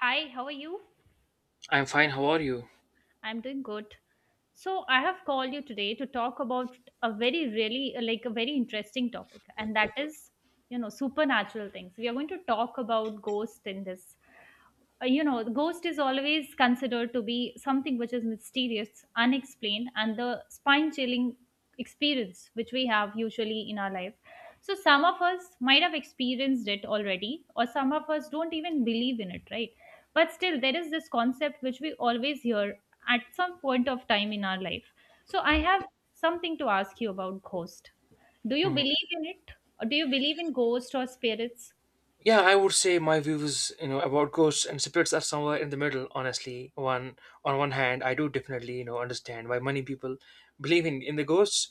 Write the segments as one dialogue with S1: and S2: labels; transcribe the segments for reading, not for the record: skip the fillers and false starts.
S1: Hi, how are you?
S2: I'm fine. How are you?
S1: I'm doing good. So, I have called you today to talk about a very, really, like a very interesting topic, and that is, supernatural things. We are going to talk about ghosts in this. The ghost is always considered to be something which is mysterious, unexplained, and the spine chilling experience which we have usually in our life. So some of us might have experienced it already, or some of us don't even believe in it, right? But still there is this concept which we always hear at some point of time in our life. So I have something to ask you about ghost. Do you
S2: Mhm.
S1: believe in it, or do you believe in ghosts or spirits?
S2: Yeah, I would say my views, you know, about ghosts and spirits are somewhere in the middle. Honestly, one on one hand, I do definitely, you know, understand why many people believe in the ghosts,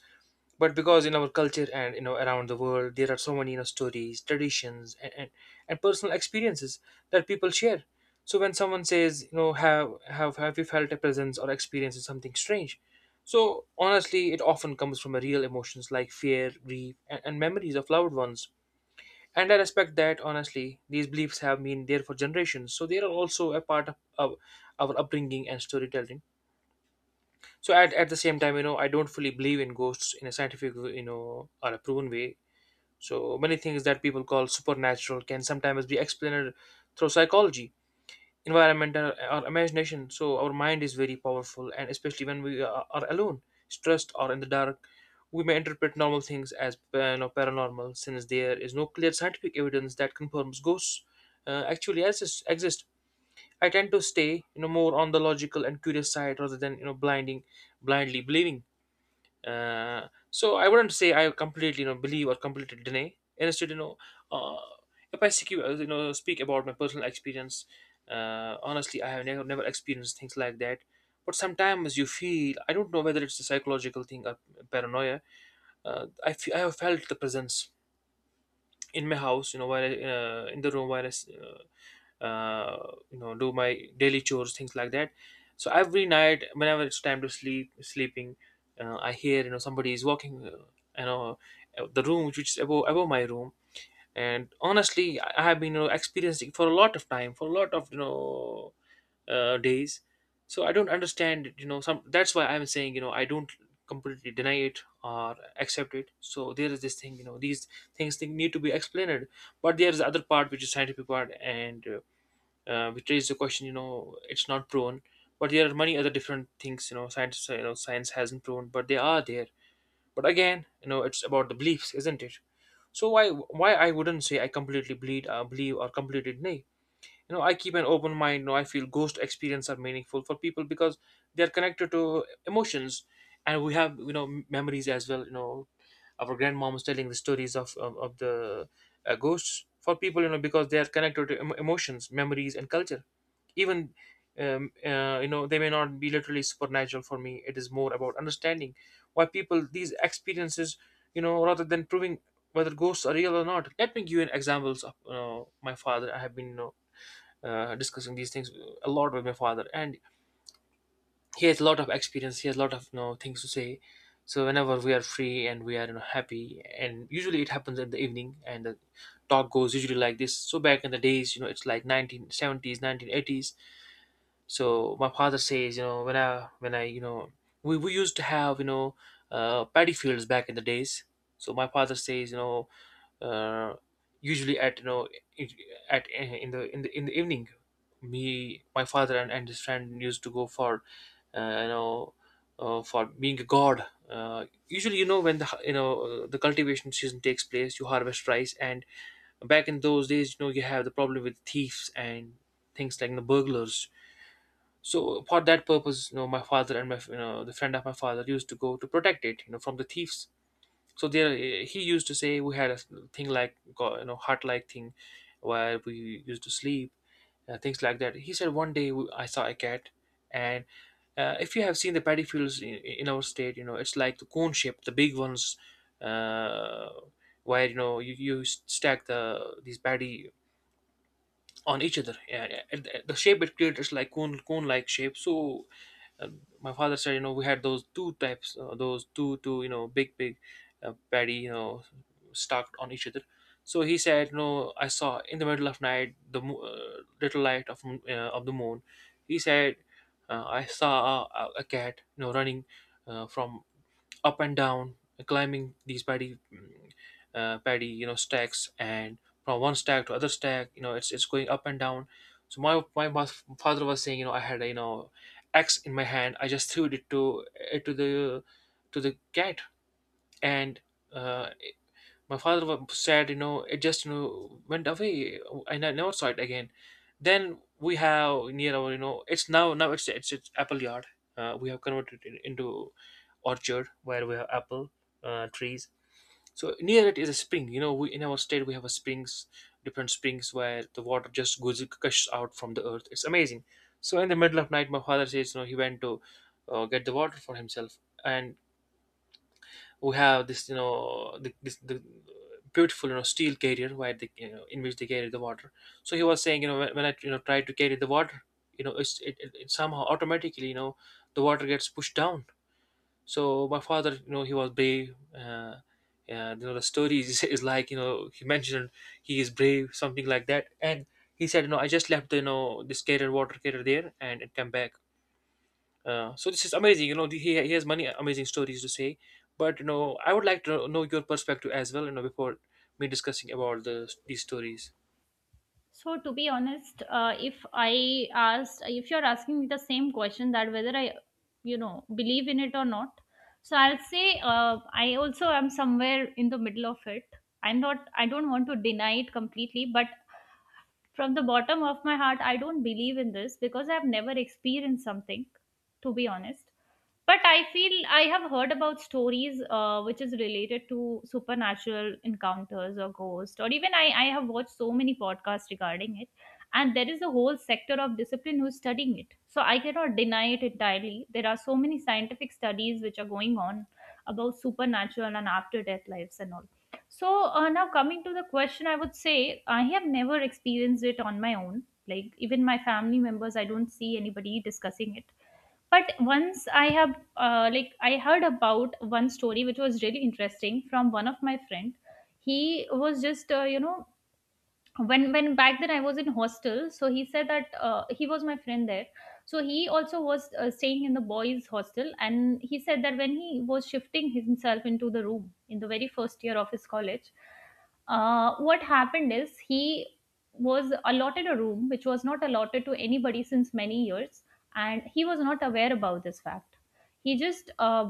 S2: but because in our culture and, you know, around the world, there are so many, you know, stories, traditions, and personal experiences that people share. So when someone says, you know, have you felt a presence or experienced something strange? So honestly, it often comes from a real emotions like fear, grief, and memories of loved ones. And I respect that, honestly. These beliefs have been there for generations, so they are also a part of our upbringing and storytelling. So at the same time, you know, I don't fully believe in ghosts in a scientific, you know, or a proven way. So many things that people call supernatural can sometimes be explained through psychology, environment, and our imagination. So our mind is very powerful, and especially when we are alone, stressed, or in the dark, we may interpret normal things as, you know, paranormal. Since there is no clear scientific evidence that confirms ghosts actually exist, I tend to stay, you know, more on the logical and curious side, rather than, you know, blinding blindly believing. So I wouldn't say I completely, you know, believe or completely deny. Instead, you know, uh, if I you know, speak about my personal experience, honestly, I have never experienced things like that. But sometimes you feel, I don't know whether it's a psychological thing or paranoia. I have felt the presence in my house, you know, while I, in the room, uh, you know, do my daily chores, things like that. So every night, whenever it's time to sleeping, I hear, you know, somebody is walking, you know, the room which is above my room. And honestly, I have been, you know, experiencing for a lot of time, for a lot of, you know, days. So I don't understand it, you know. Some, that's why I'm saying, you know, I don't completely deny it or accept it. So there is this thing, you know, these things, they need to be explained. But there is the other part, which is scientific part, and which raises the question, you know, it's not proven. But there are many other different things, you know, science hasn't proven, but they are there. But again, you know, it's about the beliefs, isn't it? So why I wouldn't say I completely believe, believe or completely deny? You know, I keep an open mind. You know, I feel ghost experience are meaningful for people because they are connected to emotions. And we have, you know, memories as well. You know, our grandmom was telling the stories of the ghosts for people, you know, because they are connected to emotions, memories, and culture even. You know, they may not be literally supernatural. For me, it is more about understanding why people these experiences, you know, rather than proving whether ghosts are real or not. Let me give you an examples of, you know, my father. I have been, you know, discussing these things a lot with my father, and he has a lot of experience. He has a lot of, you know, things to say. So whenever we are free and we are, you know, happy, and usually it happens in the evening, and the talk goes usually like this. So back in the days, you know, it's like 1970s 1980s. So my father says, you know, when I you know, we used to have, you know, paddy fields back in the days. So my father says, you know, uh, usually at, you know, it- at in the evening, me, my father, and his friend used to go for uh, you know, for being a god. Usually, you know, when you know, the cultivation season takes place, you harvest rice, and back in those days, you know, you have the problem with thieves and things like the burglars. So for that purpose, you know, my father and my, you know, the friend of my father used to go to protect it, you know, from the thieves. So there, he used to say, we had a thing like you know, hut like thing where we used to sleep, things like that. He said one day I saw a cat. And if you have seen the paddy fields in our state, you know, it's like the cone shape, the big ones. uh, where, you know, you stack these paddy on each other. Yeah, yeah. And the shape it created is like cone like shape. So uh, my father said, you know, we had those two, you know, big paddy, you know, stacked on each other. So he said, no, I saw in the middle of night the little light of of the moon. He said, I saw a cat, you know, running from up and down, climbing these paddy, you know, stacks, and from one stack to other stack, you know, it's going up and down. So my father was saying, you know, I had a, you know, axe in my hand. I just threw it to the cat, and uh, my father was sad, you know, it just, you know, went away, and I never saw it again. Then we have near our, you know, it's now it's apple yard. We have converted it into orchard where we have apple trees. So near it is a spring. You know, we in our state, we have a springs, different springs, where the water just goes, gushes out from the earth. It's amazing. So in the middle of night, my father says, you know, he went to get the water for himself. And who have this, you know, the, this the beautiful, you know, steel carrier, where they, you know, in which they carry the water. So he was saying, you know, when I, you know, try to carry the water, you know, it's it somehow automatically, you know, the water gets pushed down. So my father, you know, he was brave, and, you know, the story is, is like, you know, he mentioned he is brave, something like that. And he said, you know, I just left, you know, this carrier, water carrier, there, and it came back. So this is amazing. You know, he has many amazing stories to say. But you know, I would like to know your perspective as well. You know, before me discussing about the these stories.
S1: So to be honest, if I asked, if you're asking me the same question that whether I, you know, believe in it or not, so I'll say I also am somewhere in the middle of it. I'm not. I don't want to deny it completely, but from the bottom of my heart, I don't believe in this because I've never experienced something, to be honest. But I feel I have heard about stories which is related to supernatural encounters or ghosts, or even I have watched so many podcasts regarding it. And there is a whole sector of discipline who's studying it. So I cannot deny it entirely. There are so many scientific studies which are going on about supernatural and after death lives and all. So now coming to the question, I would say I have never experienced it on my own. Like even my family members, I don't see anybody discussing it. But once like I heard about one story which was really interesting from one of my friend. He was just, when back then I was in hostel. So he said that he was my friend there. So he also was staying in the boys hostel, and he said that when he was shifting himself into the room in the very first year of his college, what happened is he was allotted a room which was not allotted to anybody since many years, and he was not aware about this fact. He just uh,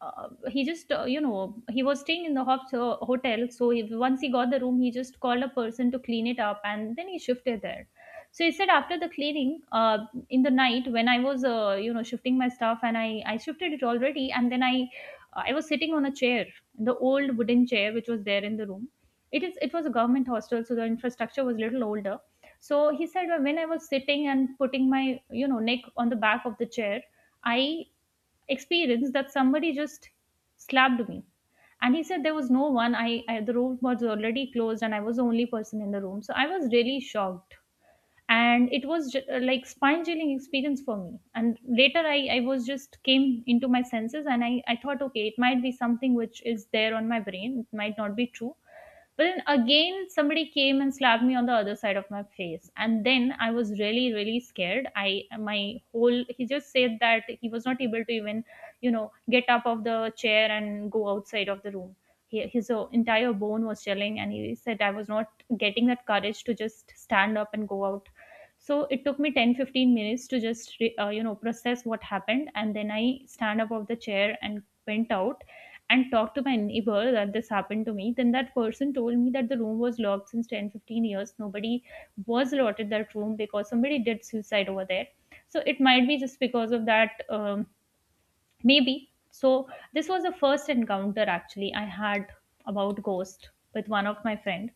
S1: uh, he just uh, you know he was staying in the hotel. So he, once he got the room, he just called a person to clean it up and then he shifted there. So he said after the cleaning, in the night, when I was shifting my stuff and I shifted it already and then I was sitting on a chair, the old wooden chair which was there in the room. It is it was a government hostel, so the infrastructure was a little older. So he said, "Well, when I was sitting and putting my, neck on the back of the chair, I experience that somebody just slapped me." And he said there was no one. I The room was already closed and I was the only person in the room, so I was really shocked. And it was like spine chilling experience for me. And later, I was just came into my senses and I thought okay, it might be something which is there on my brain, it might not be true. But then again, somebody came and slapped me on the other side of my face, and then I was really, really scared. I my whole He just said that he was not able to even, get up of the chair and go outside of the room. His entire bone was chilling, and he said I was not getting that courage to just stand up and go out. So it took me 10-15 minutes to just, process what happened. And then I stand up of the chair and went out and talked to my neighbor that this happened to me. Then that person told me that the room was locked since 10-15 years. Nobody was allotted that room because somebody did suicide over there, so it might be just because of that. Maybe so. This was the first encounter actually I had about ghost with one of my friend.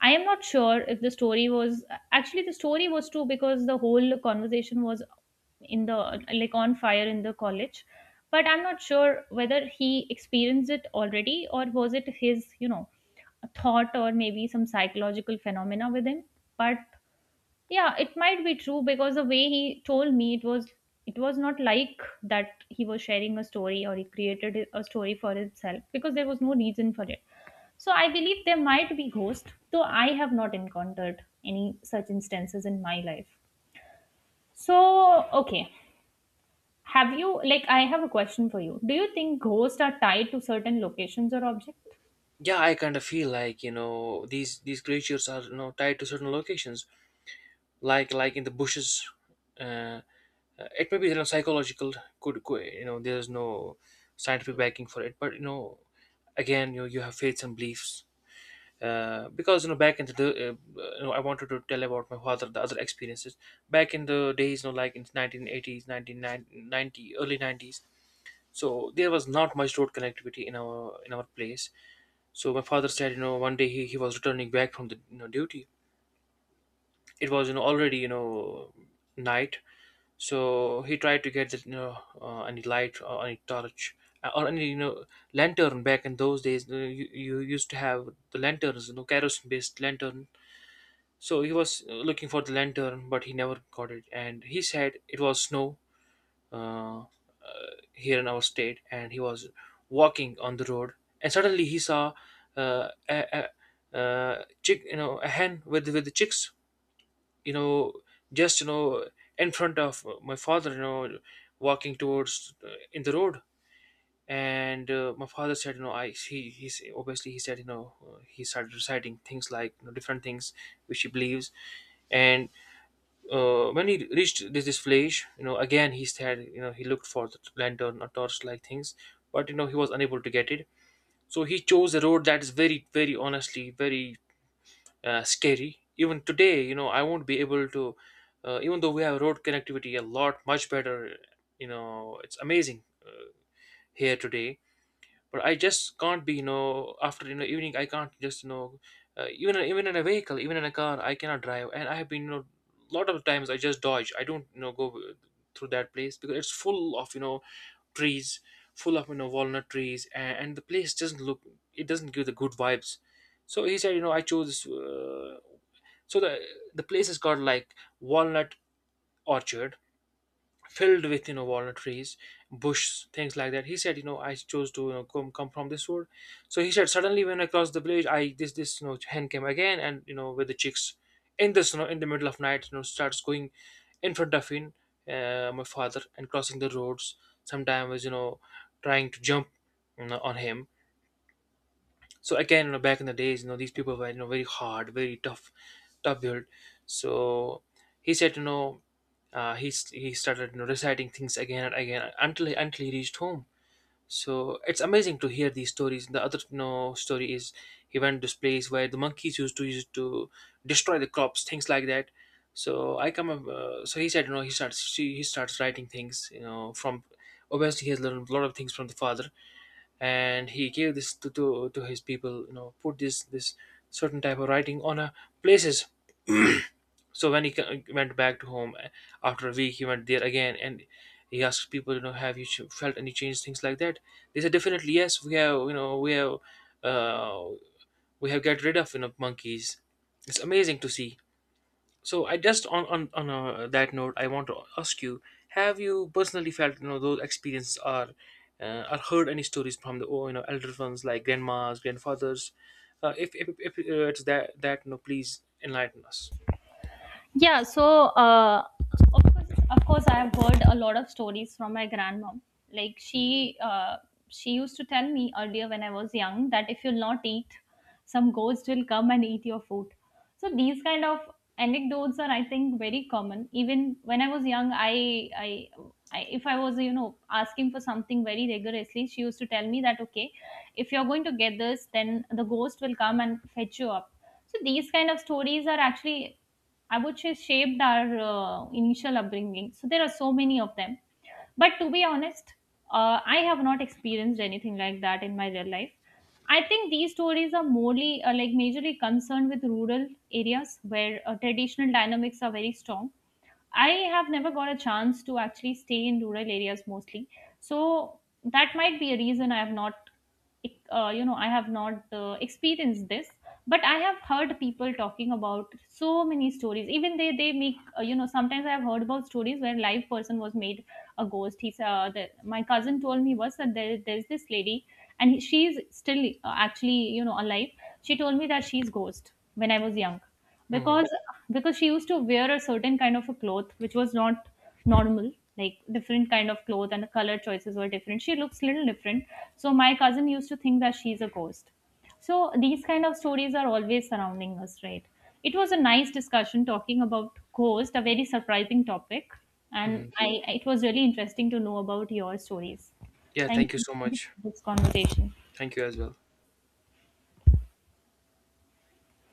S1: I am not sure if the story was actually the story was true, because the whole conversation was in the like on fire in the college. But I'm not sure whether he experienced it already or was it his, thought or maybe some psychological phenomena with him. But yeah, it might be true because the way he told me, it was not like that he was sharing a story or he created a story for himself because there was no reason for it. So I believe there might be ghosts, though I have not encountered any such instances in my life. So okay, have you like I have a question for you. Do you think ghosts are tied to certain locations or objects?
S2: Yeah, I kind of feel like, you know, these creatures are, you know, tied to certain locations, like in the bushes. Uh, it may be, you know, psychological. You know? There's no scientific backing for it, but you know, again, you have faiths and beliefs. Because, you know, back in the uh, you know, I wanted to tell about my father the other experiences back in the days, you know, like in 1980s 1990 early 90s. So there was not much road connectivity in our place. So my father said, you know, one day he was returning back from the, you know, duty. It was, you know, already, you know, night. So he tried to get the, you know, any light or any torch, or any, you know, lantern. Back in those days, you used to have the lanterns, you know, kerosene based lantern. So he was looking for the lantern, but he never got it. And he said it was snow, uh, uh, here in our state. And he was walking on the road, and suddenly he saw uh, a, a, a chick, you know, a hen with the chicks, you know, just, you know, in front of my father, you know, walking towards, in the road. And my father said, you know, I he he's obviously, he said, you know, he started reciting things like, you know, different things which he believes. And when he reached this village, you know, again he said, you know, he looked for the lantern or torch-like things, but, you know, he was unable to get it. So he chose a road that is very, very, honestly, very scary. Even today, you know, I won't be able to, even though we have road connectivity a lot much better, you know, it's amazing, here today. But I just can't be, you know, after, you know, evening, I can't just, you know, even in a vehicle, even in a car, I cannot drive. And I have been, you know, lot of times, I just dodge, I don't, you know, go through that place, because it's full of, you know, trees, full of, you know, walnut trees, and the place doesn't look, it doesn't give the good vibes. So he said, you know, I chose, so the place is called like walnut orchard, filled with, you know, walnut trees, bush, things like that. He said, you know, I chose to, you know, come from this road. So he said, suddenly, when I crossed the village, i this this, you know, hen came again, and, you know, with the chicks, in the snow, in the middle of night, you know, starts going in front of him, my father, and crossing the roads, sometimes, you know, trying to jump, you know, on him. So again, you know, back in the days, you know, these people were, you know, very hard, very tough, tough built. So he said, you know, he started, you know, reciting things again and again until he reached home. So it's amazing to hear these stories. The other, you know, story is, he went to this place where the monkeys used to destroy the crops, things like that. So I come up. So he said, you know, he starts writing things, you know, from, obviously, he has learned a lot of things from the father, and he gave this to his people, you know, put this certain type of writing on a places. So when he went back to home, after a week, he went there again, and he asked people, you know, have you felt any change, things like that. They said definitely yes. We have, you know, uh, we have get rid of, you know, monkeys. It's amazing to see. So I just on that note, I want to ask you: Have you personally felt, you know, those experiences are, or heard any stories from the, oh, you know, elder ones like grandmas, grandfathers? If, it's that that, you know, please enlighten us.
S1: Yeah, so of course, of course, I have heard a lot of stories from my grandmom. Like she used to tell me earlier when I was young that if you'll not eat, some ghost will come and eat your food. So these kind of anecdotes are, I think, very common. Even when I was young, I, if I was, asking for something very rigorously, she used to tell me that okay, if you're going to get this, then the ghost will come and fetch you up. So these kind of stories are actually, I would say, shaped our initial upbringing. So there are so many of them. But to be honest, I have not experienced anything like that in my real life. I think these stories are morely like majorly concerned with rural areas where traditional dynamics are very strong. I have never got a chance to actually stay in rural areas mostly. So that might be a reason I have not experienced this. But I have heard people talking about so many stories, even they make sometimes. I have heard about stories where live person was made a ghost. My cousin told me was that there's this lady, and she's still actually, alive. She told me that she's ghost when I was young,
S2: Hmm.
S1: because because she used to wear a certain kind of a cloth which was not normal, like different kind of cloth, and the color choices were different, she looks little different. So my cousin used to think that she's a ghost. So these kind of stories are always surrounding us, right? It was a nice discussion talking about ghost, a very surprising topic, and I it was really interesting to know about your stories.
S2: Yeah,
S1: Thank
S2: thank you
S1: you,
S2: so
S1: thank you
S2: much.
S1: for this conversation.
S2: Thank you as well.